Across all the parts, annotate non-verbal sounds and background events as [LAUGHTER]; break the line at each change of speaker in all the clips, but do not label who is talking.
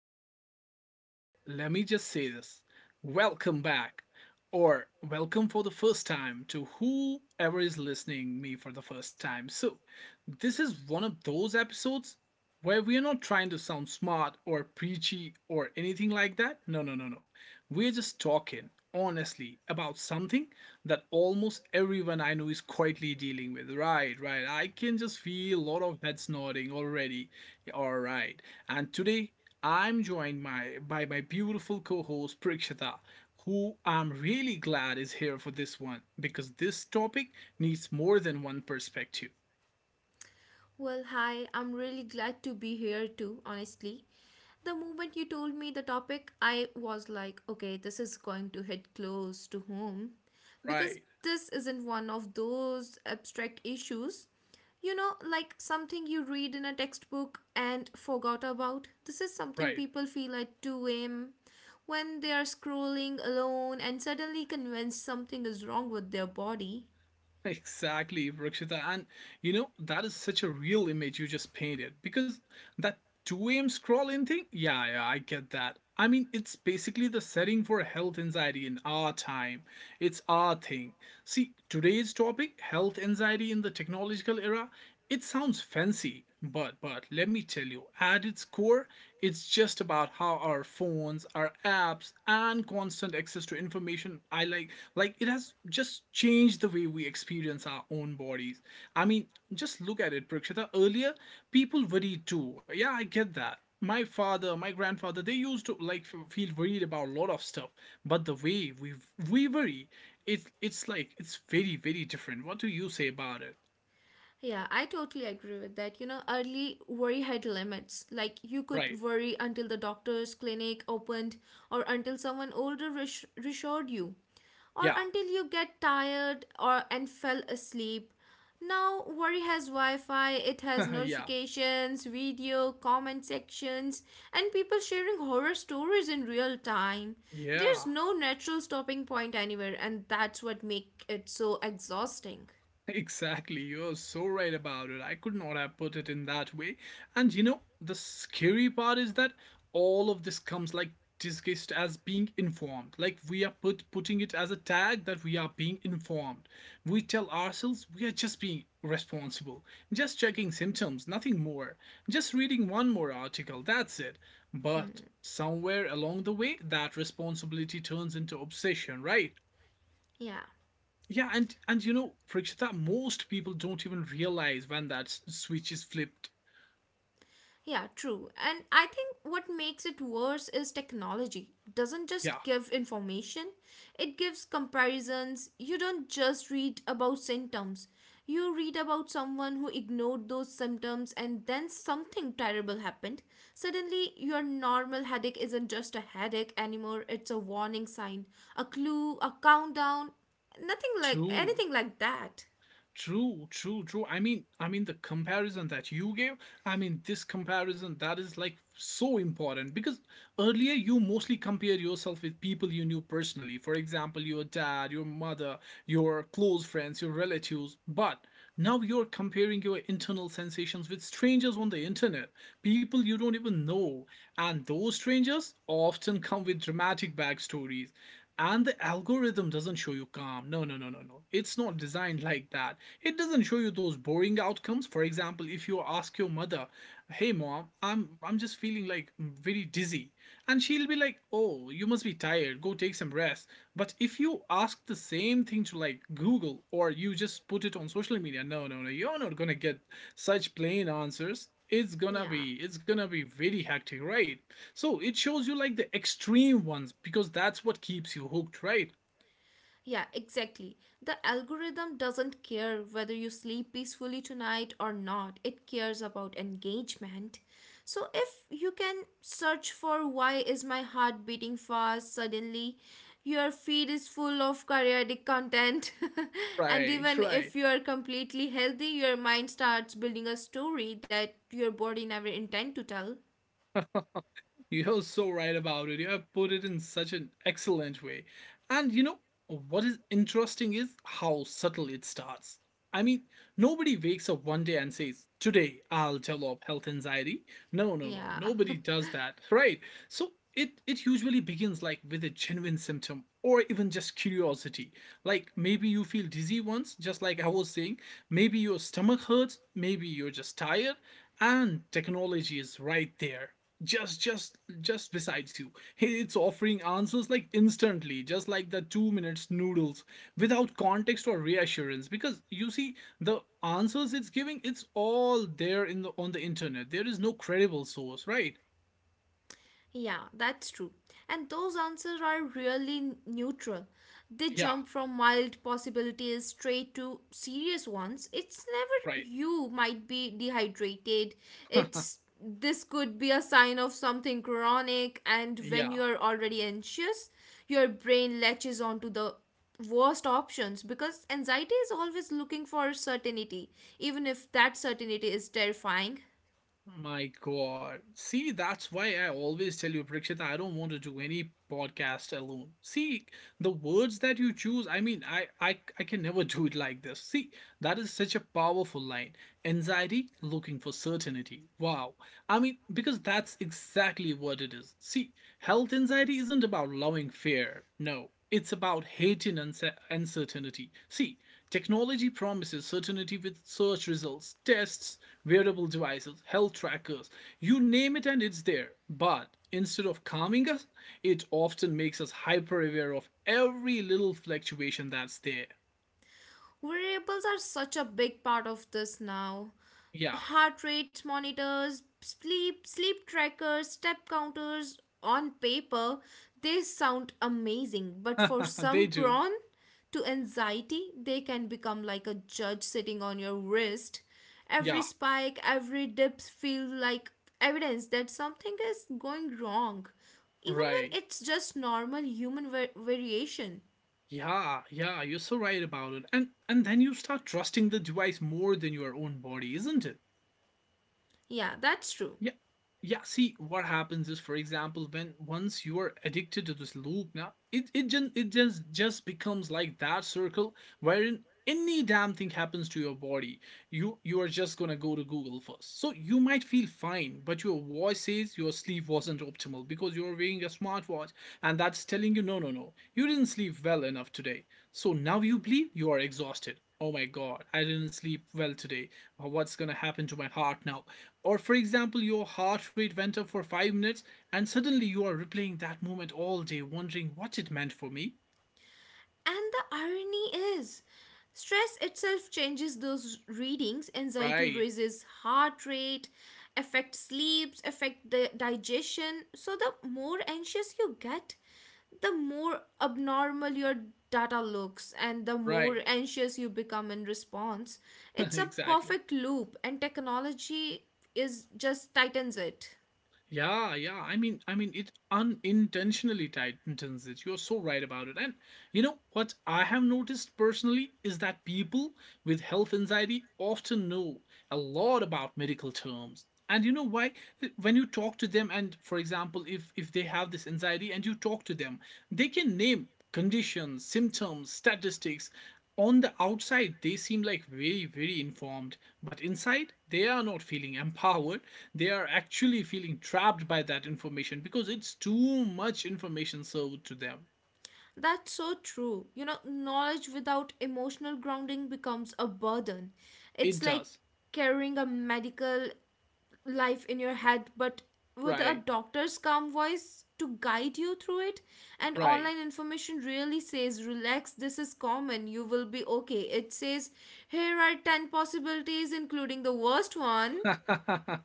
we really get into it, let me just say this. Welcome back or welcome for the first time to whoever is listening me for the first time. So, this is one of those episodes where we are not trying to sound smart or preachy or anything like that. No, no, no, no. We're just talking honestly about something that almost everyone I know is quietly dealing with. Right, right. I can just feel a lot of heads nodding already all right. And today I'm joined by my beautiful co host Prakshita, who I'm really glad is here for this one because this topic needs more than one perspective.
Well, hi, I'm really glad to be here too, honestly. The moment you told me the topic, I was like, okay, this is going to hit close to home because
Right,
this isn't one of those abstract issues. You know, like something you read in a textbook and forgot about. This is something
right.
people feel at 2 a.m. when they are scrolling alone and suddenly convinced something is wrong with their body.
[LAUGHS] Exactly, Rakshita. And you know, that is such a real image you just painted because that 2 a.m. scrolling thing, yeah, yeah, I get that. I mean, it's basically the setting for health anxiety in our time. It's our thing. See, today's topic, health anxiety in the technological era, it sounds fancy, but let me tell you, at its core, it's just about how our phones, our apps, and constant access to information I like it has just changed the way we experience our own bodies. I mean, just look at it, Prakshita. Earlier, people worried too. Yeah, I get that. My father, my grandfather, they used to like feel worried about a lot of stuff. But the way we worry, it's like it's very, very different. What do you say about it?
Yeah, I totally agree with that. You know, early worry had limits. Like, you
Right.
could worry until the doctor's clinic opened, or until someone older reassured you, or
Yeah.
until you get tired or and fell asleep. Now, worry has Wi Fi, it has
[LAUGHS] Yeah,
notifications, video, comment sections, and people sharing horror stories in real time.
yeah,
There's no natural stopping point anywhere, and that's what makes it so exhausting.
exactly. You're so right about it. I could not have put it in that way. And you know, the scary part is that all of this comes like disguised as being informed. Like we are putting it as a tag that we are being informed. We tell ourselves we are just being responsible, just checking symptoms, nothing more. Just reading one more article, that's it. But somewhere along the way, that responsibility turns into obsession, right?
Yeah.
Yeah, and you know, Prakshita, most people don't even realize when that switch is flipped.
Yeah, true. And I think what makes it worse is technology doesn't
Yeah,
just give information, it gives comparisons. You don't just read about symptoms, you read about someone who ignored those symptoms and then something terrible happened. Suddenly, your normal headache isn't just a headache anymore, it's a warning sign, a clue, a countdown, nothing like
true.
anything like that.
True, true, true. I mean, the comparison that you gave, I mean this comparison that is like so important because earlier you mostly compared yourself with people you knew personally. For example, your dad, your mother, your close friends, your relatives. But now you're comparing your internal sensations with strangers on the internet, people you don't even know. And those strangers often come with dramatic backstories and the algorithm doesn't show you calm. No, no, no, no, no. It's not designed like that. It doesn't show you those boring outcomes. For example, if you ask your mother, "Hey mom, I'm just feeling like very dizzy." And she'll be like, "Oh, you must be tired. Go take some rest." But if you ask the same thing to like Google or you just put it on social media, no, no, no. You're not going to get such plain answers. It's going to be
Yeah.
it's going to be very hectic, right? So it shows you like the extreme ones because that's what keeps you hooked, right?
Yeah, exactly. The algorithm doesn't care whether you sleep peacefully tonight or not. It cares about engagement. So if you can search for why is my heart beating fast suddenly, your feed is full of periodic content. [LAUGHS] And
Right,
even
right.
if you are completely healthy, your mind starts building a story that your body never intend to tell.
You're so right about it. You have put it in such an excellent way. And you know, what is interesting is how subtle it starts. I mean, nobody wakes up one day and says, today I'll develop health anxiety. No, no, no.
Yeah.
Nobody
[LAUGHS]
does that. Right. So it usually begins like with a genuine symptom or even just curiosity. Like maybe you feel dizzy once, just like I was saying. Maybe your stomach hurts. Maybe you're just tired. And technology is right there just besides you. Hey, it's offering answers like instantly, just like the 2 minutes noodles, without context or reassurance, because you see the answers it's giving, it's all there in the on the internet. There is no credible source, right?
Yeah, that's true. And those answers are really neutral. They
Yeah.
jump from mild possibilities straight to serious ones. It's
Right.
never you might be dehydrated.
[LAUGHS]
It's this could be a sign of something chronic, and when
Yeah.
you're already anxious, your brain latches onto the worst options because anxiety is always looking for certainty, even if that certainty is terrifying.
My God. See, that's why I always tell you, Prakshit, I don't want to do any podcast alone. See, the words that you choose, I mean, I can never do it like this. See, that is such a powerful line. Anxiety looking for certainty. Wow. I mean, because that's exactly what it is. See, health anxiety isn't about loving fear. No, it's about hating uncertainty. See, technology promises certainty with search results, tests, wearable devices, health trackers, you name it and it's there. But instead of calming us, it often makes us hyper aware of every little fluctuation that's there.
Variables are such a big part of this now.
Yeah,
Heart rate monitors, sleep trackers, step counters on paper, they sound amazing, but for
[LAUGHS] they
some
do.
prone to anxiety, they can become like a judge sitting on your wrist. Every
Yeah,
spike, every dip feels like evidence that something is going wrong, even
right.
when it's just normal human variation.
Yeah, yeah, you're so right about it. And then you start trusting the device more than your own body, isn't it?
Yeah, that's true.
Yeah. Yeah. See, what happens is, for example, when once you are addicted to this loop, now it just becomes like that circle wherein any damn thing happens to your body, you are just gonna go to Google first. So you might feel fine, but your voice says your sleep wasn't optimal because you're wearing a smartwatch, and that's telling you, no no no, you didn't sleep well enough today. So now you believe you are exhausted. Oh my god, I didn't sleep well today. What's gonna happen to my heart now? Or, for example, your heart rate went up for 5 minutes and suddenly you are replaying that moment all day, wondering what it meant for me.
And the irony is, stress itself changes those readings. Anxiety
Right,
raises heart rate, affects sleeps, affect the digestion. So the more anxious you get, the more abnormal your data looks and the more
right,
anxious you become in response.
[LAUGHS]
It's a
exactly.
perfect loop and technology is just tightens it.
Yeah, yeah. I mean, it unintentionally tightens it. You're so right about it. And you know what I have noticed personally is that people with health anxiety often know a lot about medical terms. And you know why? When you talk to them, and for example, if they have this anxiety and you talk to them, they can name conditions, symptoms, statistics. On the outside, they seem like very, very informed, but inside, they are not feeling empowered, they are actually feeling trapped by that information because it's too much information served to them.
That's so true. You know, knowledge without emotional grounding becomes a burden.
It
It's like
does.
carrying a medical life in your head, but with a
Right.
doctor's calm voice to guide you through it. And
Right.
online information really says, relax, this is common, you will be okay. It says, here are 10 possibilities, including the worst one.
[LAUGHS]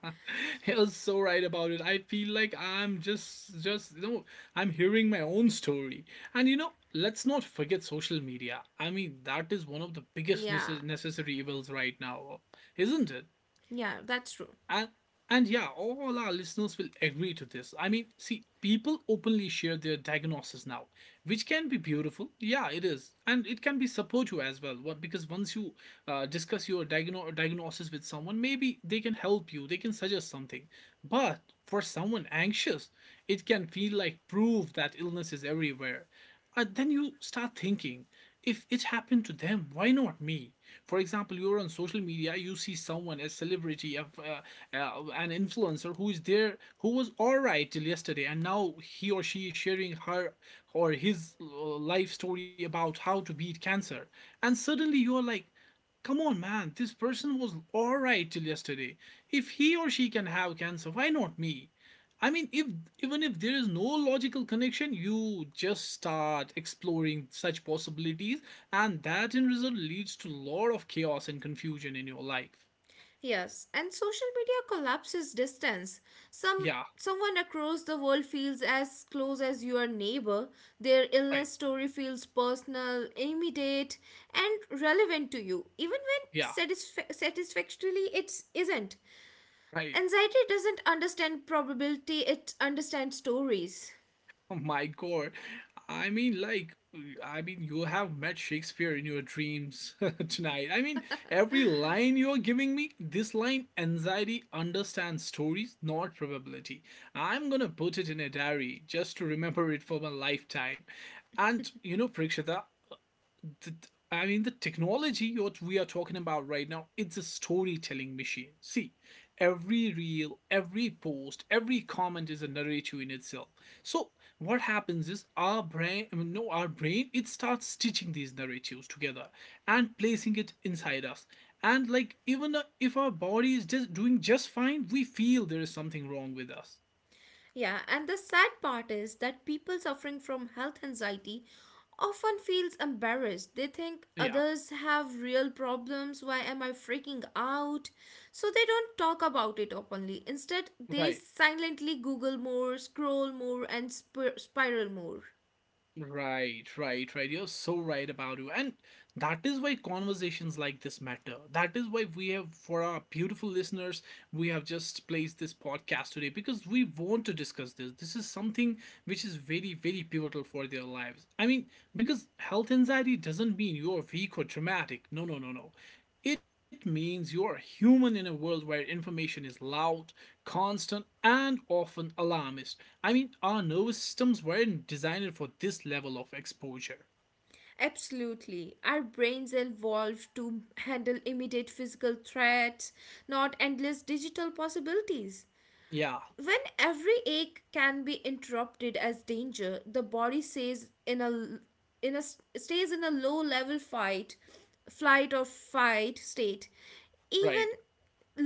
You're so right about it. I feel like I'm just, I'm hearing my own story. And you know, let's not forget social media. I mean, that is one of the biggest
Yeah,
necessary evils right now, isn't it?
yeah, that's true.
And and yeah, all our listeners will agree to this. I mean, see, people openly share their diagnosis now, which can be beautiful. Yeah, it is, and it can be supportive as well. What, because once you discuss your diagnosis with someone, maybe they can help you. They can suggest something. But for someone anxious, it can feel like proof that illness is everywhere. And then you start thinking, if it happened to them, why not me? For example, you're on social media, you see someone, a celebrity, an influencer who is there, who was all right till yesterday, and now he or she is sharing her or his life story about how to beat cancer. And suddenly you're like, come on, man, this person was alright till yesterday. If he or she can have cancer, why not me? I mean, if even if there is no logical connection, you just start exploring such possibilities, and that in result leads to a lot of chaos and confusion in your life.
Yes, and social media collapses distance. Some
Yeah,
Someone across the world feels as close as your neighbor. Their
right.
illness story feels personal, immediate, and relevant to you, even when
Yeah,
satisfactorily it isn't.
right.
Anxiety doesn't understand probability; it understands stories.
[LAUGHS] Oh my God. I mean, like, you have met Shakespeare in your dreams [LAUGHS] tonight. I mean, every line you're giving me, this line, anxiety understands stories, not probability. I'm gonna put it in a diary just to remember it for my lifetime. And you know, Prakshita, the, the technology what we are talking about right now, it's a storytelling machine. See, every reel, every post, every comment is a narrative in itself. So what happens is our brain, I mean, no, our brain, it starts stitching these narratives together and placing it inside us. And like even if our body is just doing just fine, we feel there is something wrong with us.
Yeah, and the sad part is that people suffering from health anxiety often feels embarrassed. They think
Yeah,
others have real problems, why am I freaking out? So they don't talk about it openly. Instead, they
right.
silently google more, scroll more and spiral more.
Right, right, right. You're so right about you. And that is why conversations like this matter. That is why we have, for our beautiful listeners, we have just placed this podcast today because we want to discuss this. This is something which is very, very pivotal for their lives. I mean, because health anxiety doesn't mean you're weak or dramatic. No, no, no, no. It means you're human in a world where information is loud, constant, and often alarmist. I mean, our nervous systems weren't designed for this level of exposure.
Absolutely. Our brains evolved to handle immediate physical threats, not endless digital possibilities.
Yeah,
When every ache can be interrupted as danger, the body stays in a in a low level fight, flight or fight state.
right.
Even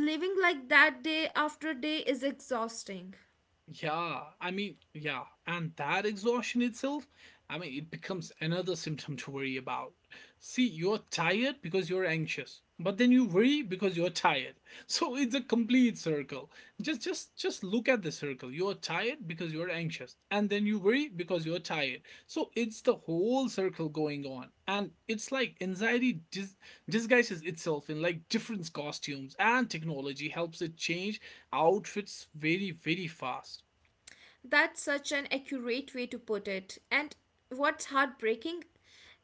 living like that day after day is exhausting.
Yeah, I mean, yeah, and that exhaustion itself, I mean, it becomes another symptom to worry about. See, you're tired because you're anxious, but then you worry because you're tired. [LAUGHS] So it's a complete circle. Just look at the circle. You're tired because you're anxious, and then you worry because you're tired. So it's the whole circle going on. And it's like disguises itself in like different costumes, and technology helps it change outfits very, very fast.
That's such an accurate way to put it. And what's heartbreaking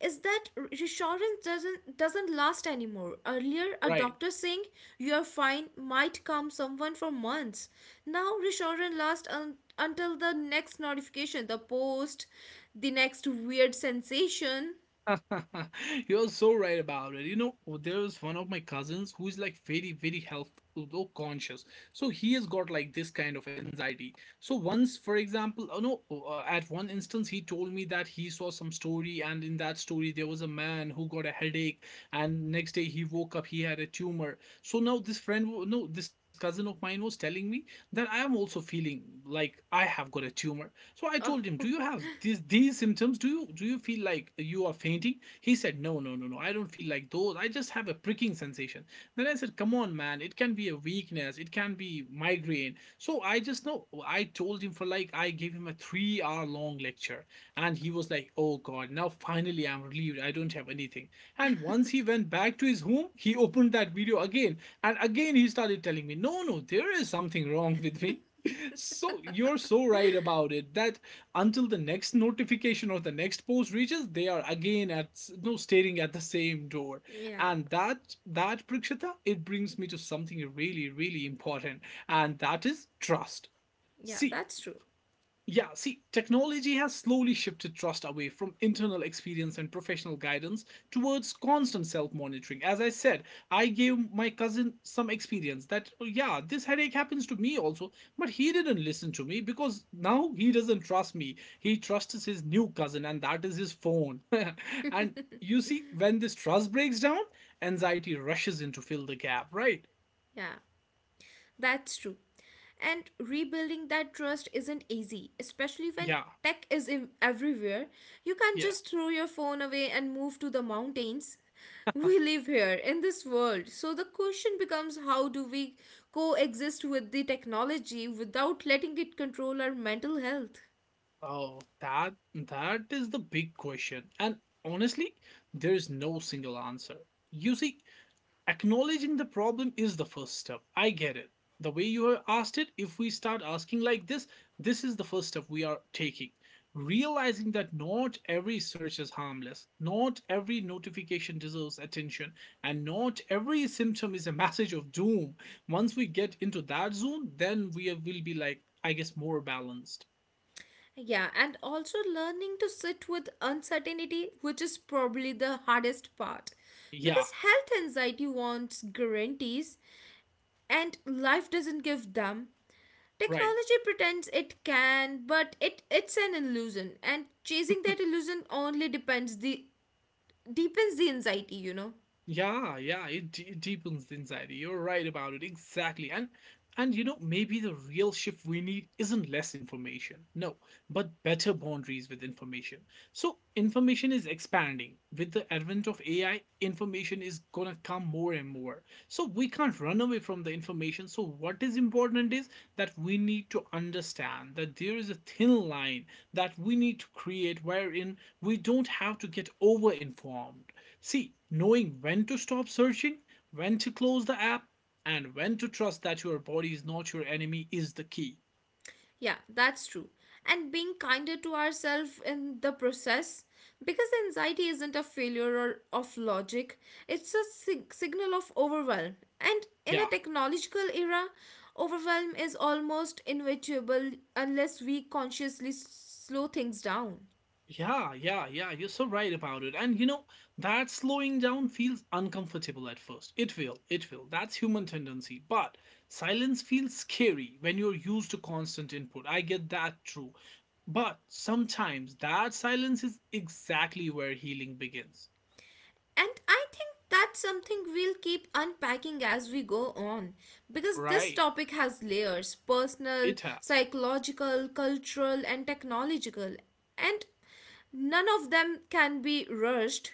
is that reassurance doesn't last anymore. Earlier, a
Right.
doctor saying you're fine might calm someone for months. Now, reassurance lasts until the next notification, the post, the next weird sensation.
[LAUGHS] You're so right about it. You know, there's one of my cousins who is like very, very health though conscious. So he has got like this kind of anxiety. So once, for example, oh no, oh, at one instance, he told me that he saw some story, and in that story, there was a man who got a headache, and next day he woke up, he had a tumor. So now this friend, wa- no, this cousin of mine was telling me that I am also feeling like I have got a tumor. So I told
Oh,
him, "Do
[LAUGHS]
you have these symptoms? Do you feel like you are fainting?" He said, "No, no, no, no. I don't feel like those. I just have a pricking sensation." Then I said, "Come on, man. It can be a weakness. It can be migraine." So I just know I told him for like I gave him a 3-hour long lecture and he was like, "Oh god, now finally I'm relieved. I don't have anything." And once he went back to his home, he [LAUGHS] opened that video again and again he started telling me, "No, no, there is something wrong with me." So you're so right about it that until the next notification or the next post reaches, they are again at s- no staring at the same door,
yeah,
and that Prakshita, it brings me to something really, really important, and that is trust.
yeah,
See,
that's true.
yeah, see, technology has slowly shifted trust away from internal experience and professional guidance towards constant self monitoring. As I said, I gave my cousin some experience that, "Oh, yeah, this headache happens to me also, but he didn't listen to me because now he doesn't trust me. He trusts his new cousin, and that is his phone. [LAUGHS] And you see, when this trust breaks down, anxiety rushes in to fill the gap, right?
Yeah. That's true. And rebuilding that trust isn't easy, especially when
Yeah,
tech is everywhere. You can't
yeah.
just throw your phone away and move to the mountains. We live here in this world. So the question becomes how do we coexist with the technology without letting it control our mental health?
Oh, that that is the big question. And honestly, there is no single answer. You see, acknowledging the problem is the first step. I get it. The way you have asked it, if we start asking like this is the first step we are taking. Realizing that not every search is harmless, not every notification deserves attention, and not every symptom is a message of doom. Once we get into that zone, then we will be like, I guess, more balanced.
Yeah, and also learning to sit with uncertainty, which is probably the hardest part.
Yeah,
Because health anxiety wants guarantees, and life doesn't give them.
right.
Technology pretends it can, but it's an illusion, and chasing that illusion only depends the deepens the anxiety, you know.
It deepens the anxiety. You're right about it, exactly. And you know, maybe the real shift we need isn't less information, no, but better boundaries with information. So information is expanding. With the advent of AI, information is gonna come more and more. So we can't run away from the information. So what is important is that we need to understand that there is a thin line that we need to create wherein we don't have to get over informed. See, knowing when to stop searching, when to close the app, and when to trust that your body is not your enemy is the key.
Yeah, that's true. And being kinder to ourselves in the process, because anxiety isn't a failure or of logic, it's a signal of overwhelm. And in a
Yeah,
technological era, overwhelm is almost inevitable unless we consciously slow things down.
yeah, you're so right about it. And you know, that slowing down feels uncomfortable at first. It will, it will. That's human tendency. But silence feels scary when you're used to constant input. I get that true. But sometimes that silence is exactly where healing begins,
And I think that's something we'll keep unpacking as we go on because this
right?
topic has layers personal,
It has.
psychological, cultural, and technological. And none of them can be rushed.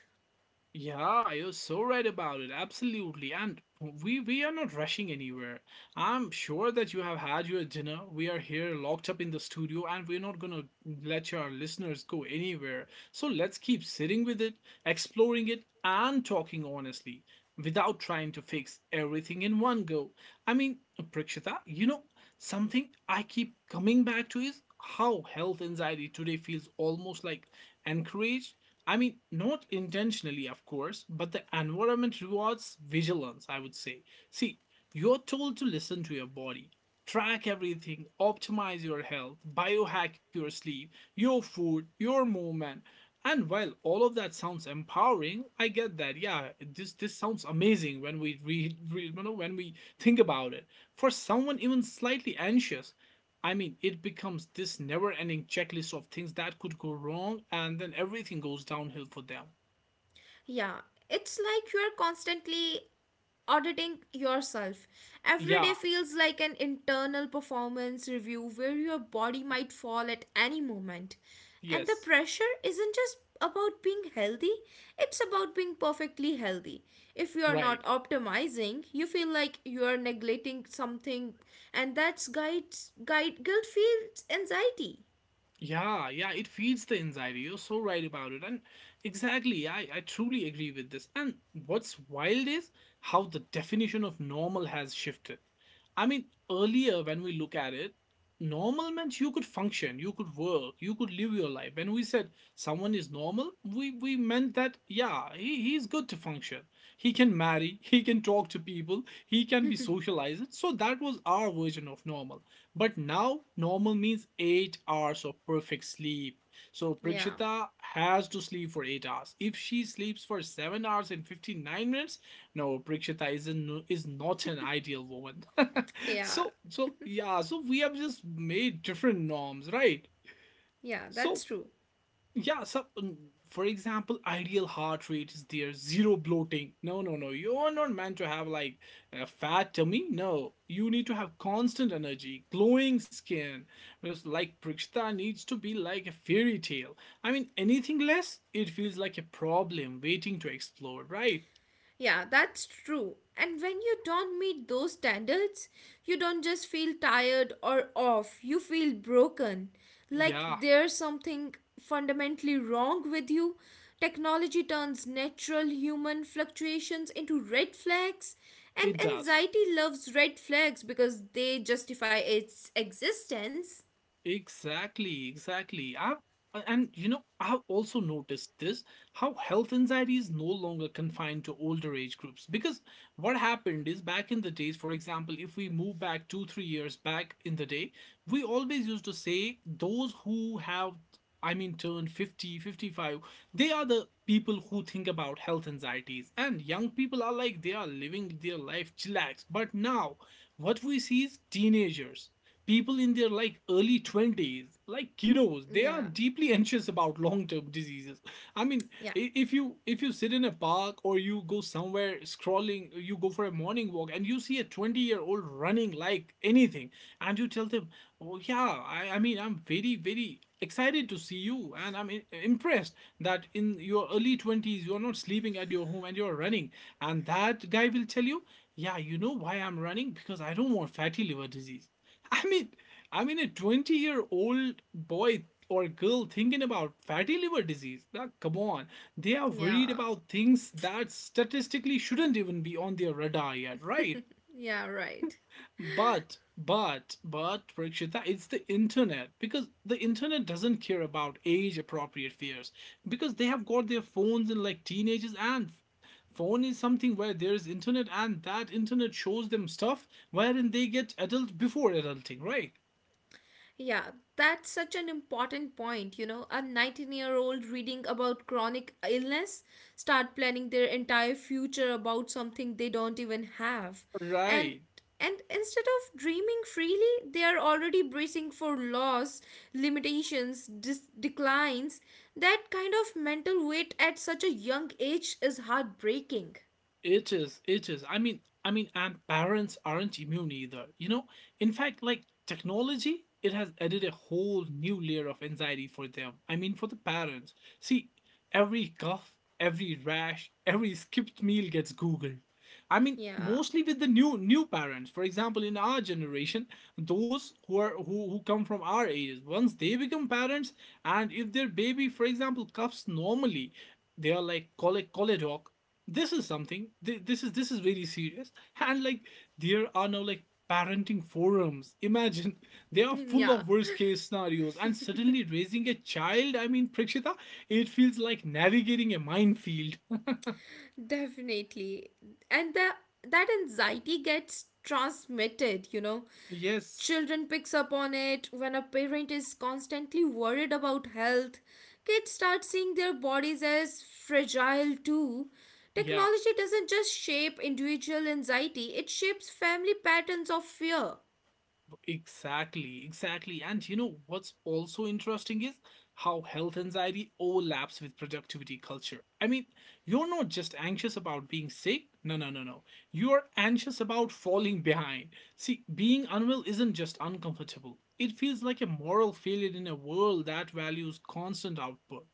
Yeah, you're so right about it. Absolutely. And we are not rushing anywhere. I'm sure that you have had your dinner. We are here locked up in the studio and we're not going to let your listeners go anywhere. So let's keep sitting with it, exploring it and talking honestly without trying to fix everything in one go. I mean, Prakshita, you know, something I keep coming back to is how health anxiety today feels almost like encouraged. I mean, not intentionally, of course, but the environment rewards vigilance, I would say. See, you're told to listen to your body, track everything, optimize your health, biohack your sleep, your food, your movement. And while all of that sounds empowering, I get that. Yeah, this sounds amazing when we read you know, when we think about it. For someone even slightly anxious, I mean, it becomes this never ending checklist of things that could go wrong, and then everything goes downhill for them.
Yeah, it's like you're constantly auditing yourself. Every day
Yeah,
feels like an internal performance review where your body might fall at any moment. And the
yes,
pressure isn't just about being healthy, it's about being perfectly healthy. If you are
right.
not optimizing, you feel like you are neglecting something, and that's guides guide guilt feels anxiety.
Yeah, yeah, it feeds the anxiety. You're so right about it. And exactly, I truly agree with this. And what's wild is how the definition of normal has shifted. I mean, earlier when we look at it, normal meant you could function, you could work, you could live your life. When we said someone is normal, we meant that, yeah, he's good to function. He can marry, [LAUGHS] he can talk to people, he can be socialized. So that was our version of normal. But now normal means 8 hours of perfect sleep. So
Yeah,
Prakshita has to sleep for 8 hours. If she sleeps for 7 hours and 59 minutes, no, Prakshita is not an ideal woman. [LAUGHS]
yeah,
So so yeah, so we have just made different norms, right?
yeah, that's
So
true.
yeah, so for example, ideal heart rate is there, zero bloating. No, no, no. You are not meant to have like a fat tummy. No, you need to have constant energy, glowing skin. Because like Prakshita needs to be like a fairy tale. I mean, anything less, it feels like a problem waiting to explode, right?
Yeah, that's true. And when you don't meet those standards, you don't just feel tired or off, you feel broken. Like
Yeah,
there's something fundamentally wrong with you. Technology turns natural human fluctuations into red flags, and
it does.
anxiety loves red flags because they justify its existence.
Exactly, exactly. I and you know, I've also noticed this, how health anxiety is no longer confined to older age groups. Because what happened is back in the days, for example, if we move back two, 3 years back in the day, we always used to say those who have, I mean, turned 50, 55, they are the people who think about health anxieties. And young people are like they are living their life chillax. But now, what we see is teenagers, people in their like early 20s, like kiddos, they
Yeah,
are deeply anxious about long-term diseases. I mean,
yeah,
if you sit in a park or you go somewhere scrolling, you go for a morning walk and you see a 20-year-old running like anything, and you tell them, oh yeah, I mean, I'm very, very excited to see you, and impressed that in your early 20s you're not sleeping at your home and you're running, and that guy will tell you, yeah, you know why I'm running? Because I don't want fatty liver disease. I mean, I mean, a 20-year-old boy or girl thinking about fatty liver disease. Now, come on. They are worried
yeah,
about things that statistically shouldn't even be on their radar yet, right?
yeah, right.
But, Prakshita, it's the internet, because the internet doesn't care about age appropriate fears, because they have got their phones in like teenagers, and phone is something where there is internet, and that internet shows them stuff wherein they get adult before adulting, right?
Yeah, that's such an important point. You know, a 19-year-old year old reading about chronic illness start planning their entire future about something they don't even have. And
Right.
and instead of dreaming freely, they are already bracing for loss, limitations, declines. That kind of mental weight at such a young age is heartbreaking.
It is. It is. I mean, and parents aren't immune either. You know, in fact, like technology, it has added a whole new layer of anxiety for them. I mean, for the parents. See, every cough, every rash, every skipped meal gets Googled. I mean,
Yeah. [LAUGHS]
mostly with the new parents. For example, in our generation, those who are who come from our ages, once they become parents, and if their baby, for example, coughs normally, they are like call a call a doc, this is very serious, and like there are now like parenting forums, imagine, [LAUGHS] they are full
Yeah.
of worst case scenarios, and suddenly raising a child, I mean, Prakshita, it feels like navigating a minefield.
Definitely. And that anxiety gets transmitted, you know.
[LAUGHS] Yes,
Children picks up on it when a parent is constantly worried about health. Kids start seeing their bodies as fragile too.
yeah.
Technology doesn't just shape individual anxiety, it shapes family patterns of fear.
Exactly, exactly. And you know what's also interesting is how health anxiety overlaps with productivity culture. I mean, you're not just anxious about being sick. No, no, no, no. You're anxious about falling behind. See, being unwell isn't just uncomfortable, it feels like a moral failure in a world that values constant output.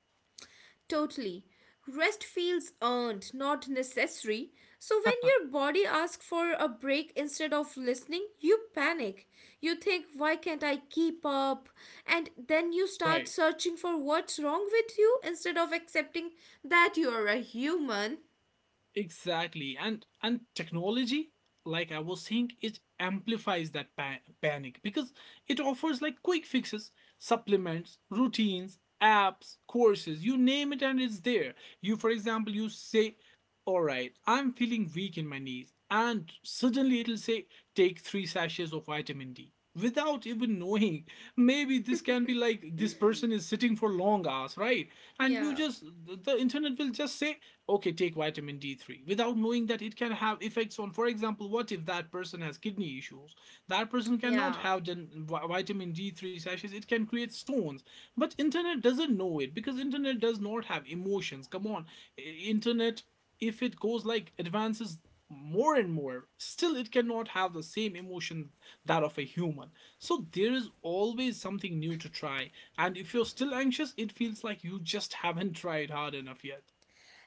Totally. Rest feels earned, not necessary. So when
[LAUGHS]
your body asks for a break instead of listening, you panic. You think, why can't I keep up? And then you
Right.
start searching for what's wrong with you instead of accepting that you are a human.
Exactly. And technology, like I was saying, it amplifies that panic, because it offers like quick fixes, supplements, routines, apps, courses, you name it and it's there. You for example, you say, "All right, I'm feeling weak in my knees." And suddenly it'll say, "Take 3 sachets of vitamin D." Without even knowing, maybe this can be like this person is sitting for long hours, right? And you
Yeah,
just, the internet will just say, okay, take vitamin D3 without knowing that it can have effects on, for example, what if that person has kidney issues? That person cannot
yeah.
have vitamin D3 sachets. It can create stones. But internet doesn't know it because internet does not have emotions. Come on, internet, if it goes like advances more and more, still it cannot have the same emotion that of a human. So there is always something new to try. And if you're still anxious, it feels like you just haven't tried hard enough yet.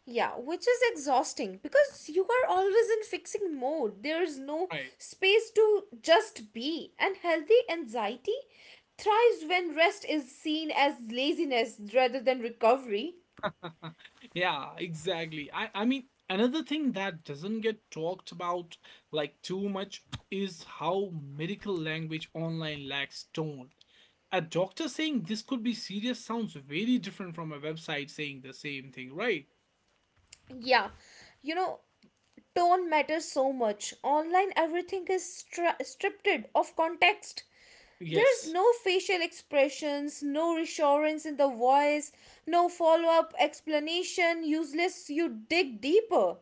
Yeah, which is exhausting because you are always in fixing mode. There is no
Right.
space to just be. And healthy anxiety thrives when rest is seen as laziness rather than recovery.
[LAUGHS] Yeah, exactly. I mean, another thing that doesn't get talked about like too much is how medical language online lacks tone. A doctor saying this could be serious sounds very different from a website saying the same thing, right?
Yeah, you know, tone matters so much. Online, everything is stripped of context. There's
Yes.
no facial expressions, no reassurance in the voice, no follow up explanation, useless, you dig deeper.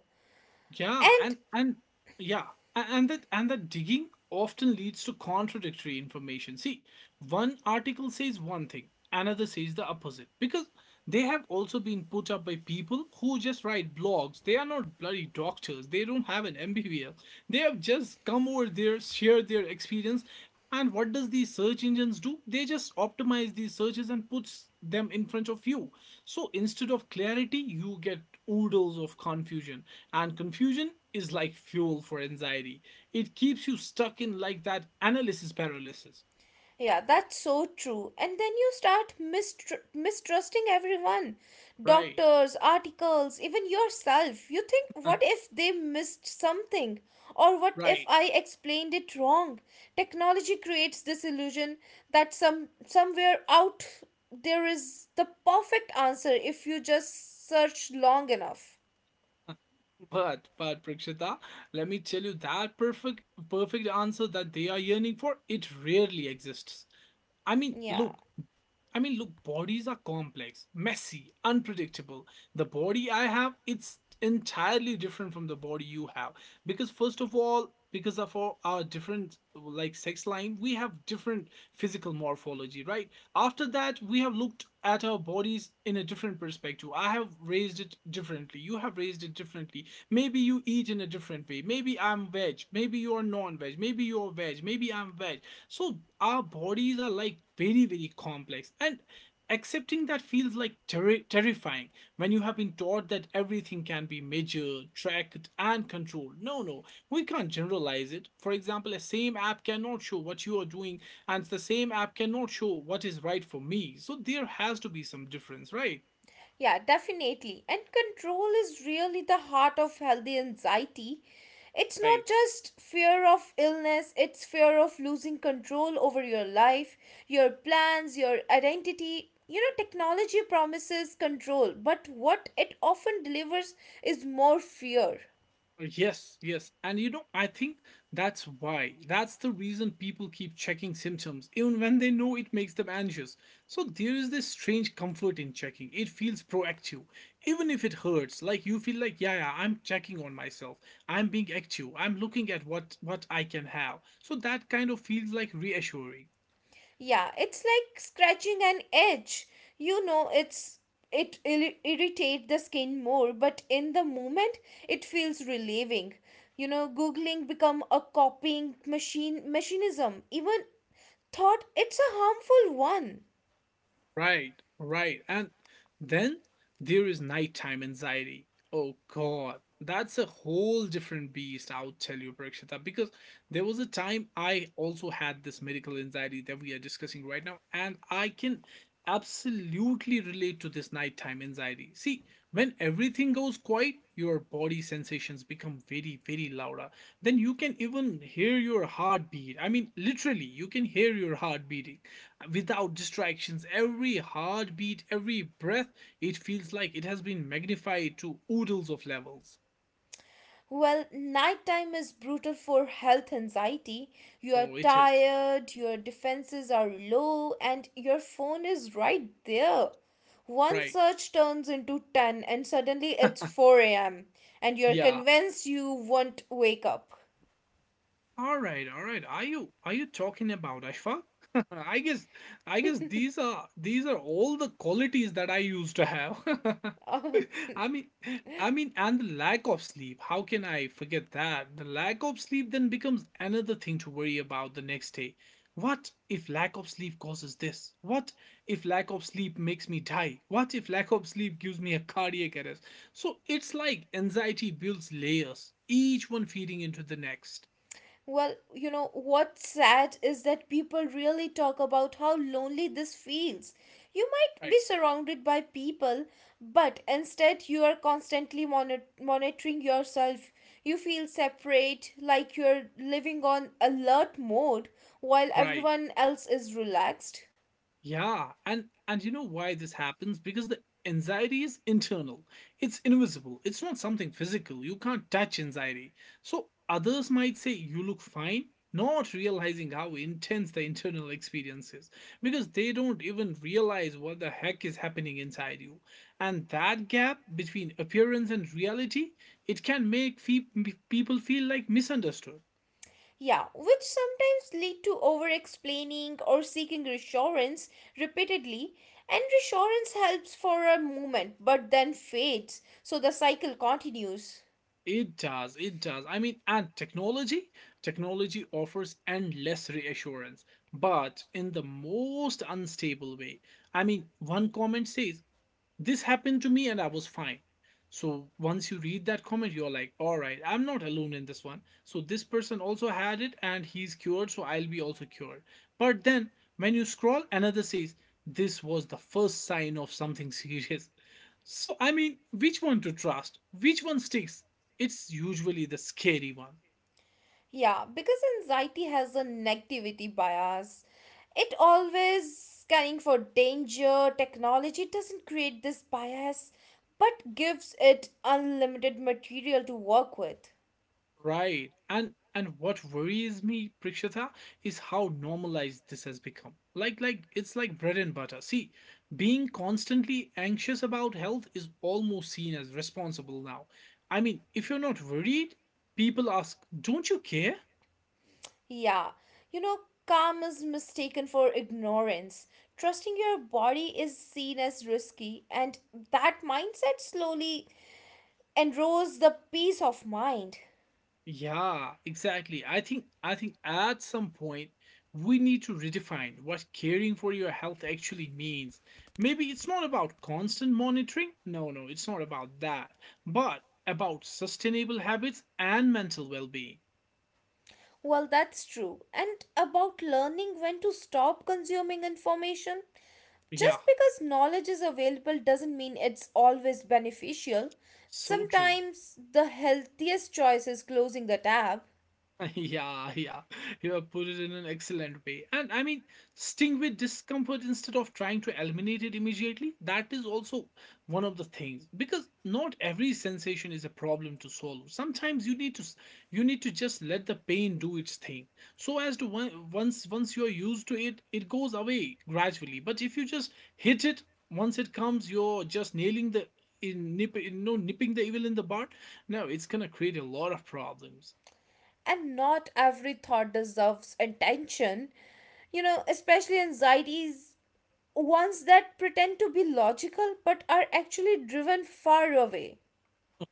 Yeah,
And
and yeah, and that digging often leads to contradictory information. See, one article says one thing, another says the opposite because they have also been put up by people who just write blogs. They are not bloody doctors. They don't have an MBBS. They have just come over there, share their experience, and what does these search engines do? They just optimize these searches and puts them in front of you. So instead of clarity, you get oodles of confusion, and confusion is like fuel for anxiety. It keeps you stuck in like that analysis paralysis.
yeah, that's so true. And then you start mistrusting everyone
Right.
doctors, articles, even yourself. You think, what
[LAUGHS]
if they missed something? Or what if
Right.
I explained it wrong? Technology creates this illusion that somewhere out there is the perfect answer if you just search long enough.
Huh. But Prakshita, let me tell you that perfect answer that they are yearning for, it rarely exists. I mean,
Yeah.
look, I mean, look, bodies are complex, messy, unpredictable. The body I have, it's entirely different from the body you have. Because, first of all, because of our different like sex line, we have different physical morphology. Right after that, we have looked at our bodies in a different perspective. I have raised it differently, you have raised it differently. Maybe you eat in a different way. Maybe I'm veg, maybe you're non-veg, maybe you're veg, maybe I'm veg. So our bodies are like very, very complex. And accepting that feels like terrifying when you have been taught that everything can be measured, tracked, and controlled. No, no, we can't generalize it. For example, the same app cannot show what you are doing, and the same app cannot show what is right for me. So there has to be some difference, right?
Yeah, definitely. And control is really the heart of healthy anxiety. It's not
Right.
just fear of illness, it's fear of losing control over your life, your plans, your identity. You know, technology promises control, but what it often delivers is more fear.
Yes, yes. And you know, I think that's why. That's the reason people keep checking symptoms, even when they know it makes them anxious. So there is this strange comfort in checking. It feels proactive. Even if it hurts, like you feel like, yeah, yeah, I'm checking on myself. I'm being active. I'm looking at what I can have. So that kind of feels like reassuring.
Yeah, it's like scratching an edge. You know, it's it irritate the skin more, but in the moment it feels relieving. You know, googling become a copying machine mechanism. Even thought it's a harmful one.
Right, right. And then there is nighttime anxiety. Oh God, that's a whole different beast, I'll tell you, Prakshita, because there was a time I also had this medical anxiety that we are discussing right now, and I can absolutely relate to this nighttime anxiety. See, when everything goes quiet, your body sensations become very, very louder. Then you can even hear your heartbeat. I mean, literally, you can hear your heartbeat without distractions. Every heartbeat, every breath, it feels like it has been magnified to oodles of levels.
Well, nighttime is brutal for health anxiety. You are
Oh, it is.
tired, your defenses are low, and your phone is right there. One
Right.
search turns into 10, and suddenly it's 4 a.m., and you're
Yeah,
convinced you won't wake up.
all right, all right. Are you talking about Ashfaq? [LAUGHS] I guess I guess these are all the qualities that I used to have.
[LAUGHS]
[LAUGHS] I mean, and the lack of sleep. How can I forget that? The lack of sleep then becomes another thing to worry about the next day. What if lack of sleep causes this? What if lack of sleep makes me die? What if lack of sleep gives me a cardiac arrest? So it's like anxiety builds layers, each one feeding into the next.
Well, you know, what's sad is that people really talk about how lonely this feels. You might
Right.
be surrounded by people, but instead you are constantly monitoring yourself. You feel separate, like you're living on alert mode while
Right.
everyone else is relaxed.
Yeah. And you know why this happens? Because the anxiety is internal. It's invisible. It's not something physical. You can't touch anxiety. So others might say you look fine, not realizing how intense the internal experience is because they don't even realize what the heck is happening inside you. And that gap between appearance and reality, it can people feel like misunderstood.
Yeah, which sometimes lead to over explaining or seeking reassurance repeatedly, and reassurance helps for a moment but then fades, so the cycle continues.
It does, it does. I mean, and technology, technology offers endless reassurance, but in the most unstable way. I mean, one comment says this happened to me and I was fine. So once you read that comment, you're like, all right, I'm not alone in this one. So this person also had it and he's cured, so I'll be also cured. But then when you scroll, another says, this was the first sign of something [LAUGHS] serious. So, I mean, which one to trust? Which one sticks? It's usually the scary one.
Yeah, because anxiety has a negativity bias, it always scanning for danger. Technology doesn't create this bias but gives it unlimited material to work with.
Right. And what worries me, Prakshita, is how normalized this has become. Like it's like bread and butter. See, being constantly anxious about health is almost seen as responsible now. I mean, if you're not worried, people ask, "Don't you care?"
Yeah, you know, calm is mistaken for ignorance. Trusting your body is seen as risky, and that mindset slowly enrolls the peace of mind.
Yeah, exactly. I think at some point we need to redefine what caring for your health actually means. Maybe it's not about constant monitoring. No, no, it's not about that. But about sustainable habits and mental well-being.
Well, that's true. And about learning when to stop consuming information,
Yeah,
just because knowledge is available doesn't mean it's always beneficial.
so true.
Sometimes the healthiest choice is closing the tab.
[LAUGHS] Yeah, yeah. You have put it in an excellent way. And I mean, sting with discomfort instead of trying to eliminate it immediately, that is also one of the things. Because not every sensation is a problem to solve. Sometimes you need to just let the pain do its thing. So as to once once you are used to it, it goes away gradually. But if you just hit it, once it comes, you're just nailing the in nip, you know, nipping the evil in the bud. No, it's gonna create a lot of problems.
And not every thought deserves attention, you know, especially anxieties ones that pretend to be logical but are actually driven far away.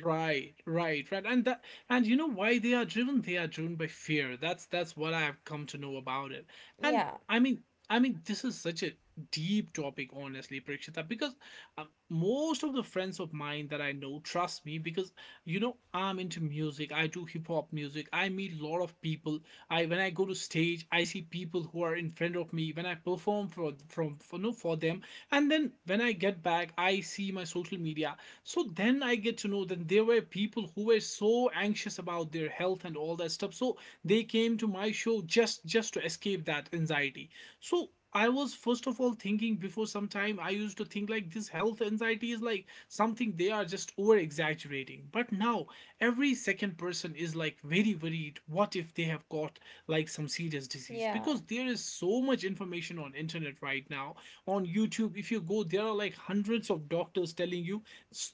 Right, right, right. And that and you know why they are driven? They are driven by fear. That's what I've come to know about it. And
Yeah,
I mean I mean this is such a deep topic honestly Prakshita because most of the friends of mine that I know trust me because you know I'm into music. I do hip hop music. I meet a lot of people. I When I go to stage, I see people who are in front of me when I perform for from for no for them. And then when I get back, I see my social media, so then I get to know that there were people who were so anxious about their health and all that stuff. So they came to my show just to escape that anxiety. So I was first of all thinking, before some time I used to think like this health anxiety is like something they are just over exaggerating. But now every second person is like very worried what if they have got like some serious disease
yeah
because there is so much information on internet right now, on YouTube, if you go, there are like hundreds of doctors telling you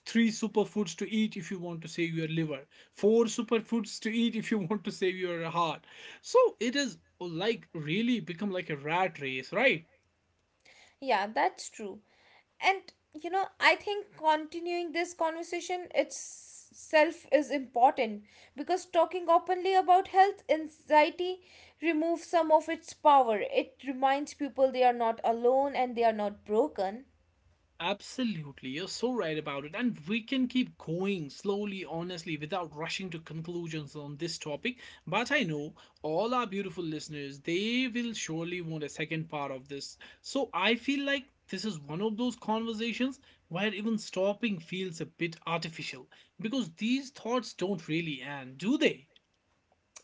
three superfoods to eat if you want to save your liver, four superfoods to eat if you [LAUGHS] want to save your heart. So it is like really become like a rat race, right?
yeah that's true. And you know, I think continuing this conversation itself is important because talking openly about health anxiety removes some of its power. It reminds people they are not alone and they are not broken.
Absolutely, you're so right about it. And we can keep going slowly, honestly, without rushing to conclusions on this topic. But I know all our beautiful listeners, they will surely want a second part of this. So I feel like this is one of those conversations where even stopping feels a bit artificial because these thoughts don't really end, do they?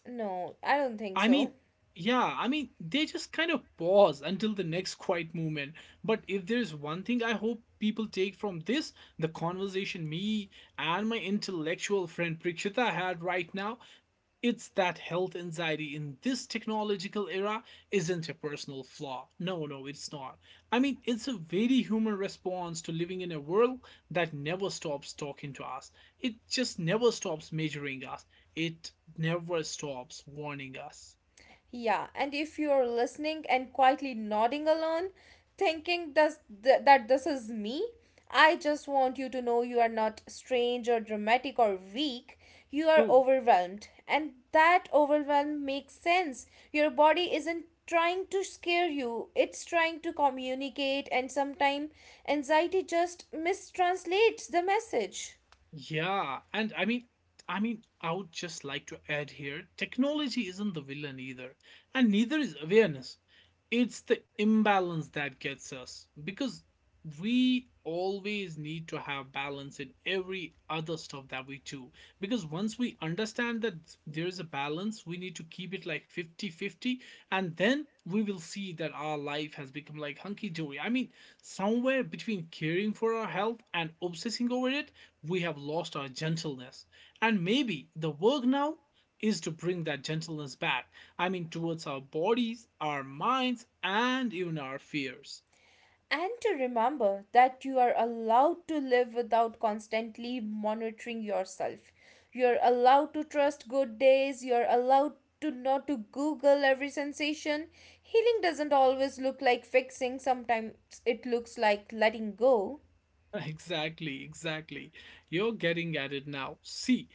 No, I don't think
I
so.
mean, yeah, I mean, they just kind of pause until the next quiet moment. But if there's one thing I hope people take from this, the conversation me and my intellectual friend Prakshita had right now, it's that health anxiety in this technological era isn't a personal flaw. No, no, it's not. I mean, it's a very human response to living in a world that never stops talking to us. It just never stops measuring us. It never stops warning us.
Yeah, and if you're listening and quietly nodding along, thinking that this is me, I just want you to know you are not strange or dramatic or weak. You are
True.
overwhelmed, and that overwhelm makes sense. Your body isn't trying to scare you, it's trying to communicate, and sometimes anxiety just mistranslates the message.
Yeah, and I mean, I would just like to add here, technology isn't the villain either, and neither is awareness. It's the imbalance that gets us because we always need to have balance in every other stuff that we do. Because once we understand that there is a balance, we need to keep it like 50-50, and then we will see that our life has become like hunky dory. I mean, somewhere between caring for our health and obsessing over it, we have lost our gentleness. And maybe the work now is to bring that gentleness back. I mean, towards our bodies, our minds, and even our fears.
And to remember that you are allowed to live without constantly monitoring yourself. You're allowed to trust good days, you're allowed to not to google every sensation. Healing doesn't always look like fixing, sometimes it looks like letting go.
Exactly, exactly. You're getting at it now. See,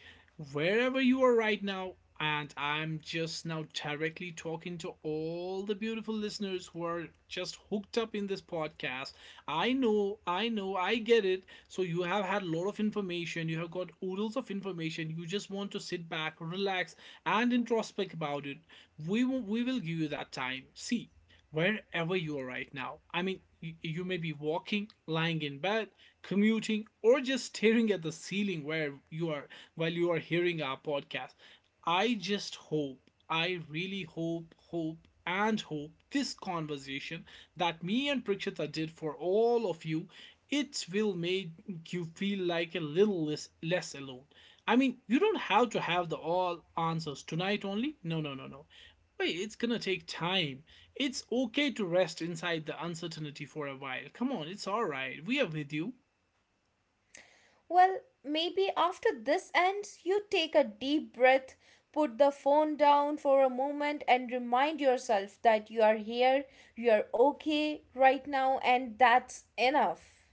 wherever you are right now, and I'm just now directly talking to all the beautiful listeners who are just hooked up in this podcast. I know, I know, I get it. So you have had a lot of information, you have got oodles of information. You just want to sit back, relax, and introspect about it. We will give you that time. See, wherever you are right now. I mean, you may be walking, lying in bed, commuting, or just staring at the ceiling where you are while you are hearing our podcast. I just hope, I really hope, hope, and hope this conversation that me and Prakshita did for all of you, it will make you feel like a little less, less alone. I mean, you don't have to have the all answers tonight only. No, no, no, no. Wait, it's gonna take time. It's okay to rest inside the uncertainty for a while. Come on, it's alright. We are with you.
Well, maybe after this ends, you take a deep breath, put the phone down for a moment, and remind yourself that you are here, you are okay right now, and that's enough.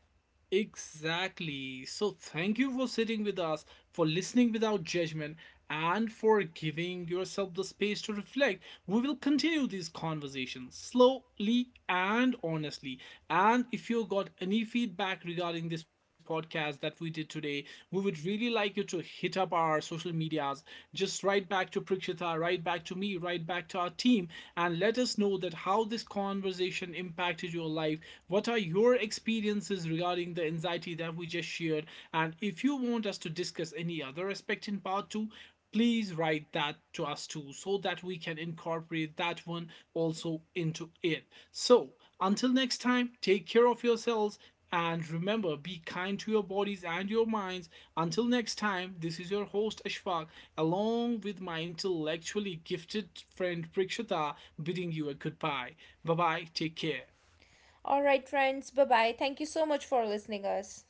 Exactly. So, thank you for sitting with us, for listening without judgment, and for giving yourself the space to reflect. We will continue these conversations slowly and honestly. And if you got any feedback regarding this podcast that we did today, we would really like you to hit up our social medias. Just write back to Prakshita, write back to me, write back to our team, and let us know that how this conversation impacted your life. What are your experiences regarding the anxiety that we just shared. And if you want us to discuss any other aspect in part two, please write that to us too so that we can incorporate that one also into it. So, until next time, take care of yourselves and remember be kind to your bodies and your minds. Until next time, this is your host Ashfaq along with my intellectually gifted friend Prakshita bidding you a goodbye. Bye bye, take care.
All right, friends. Bye bye. Thank you so much for listening us.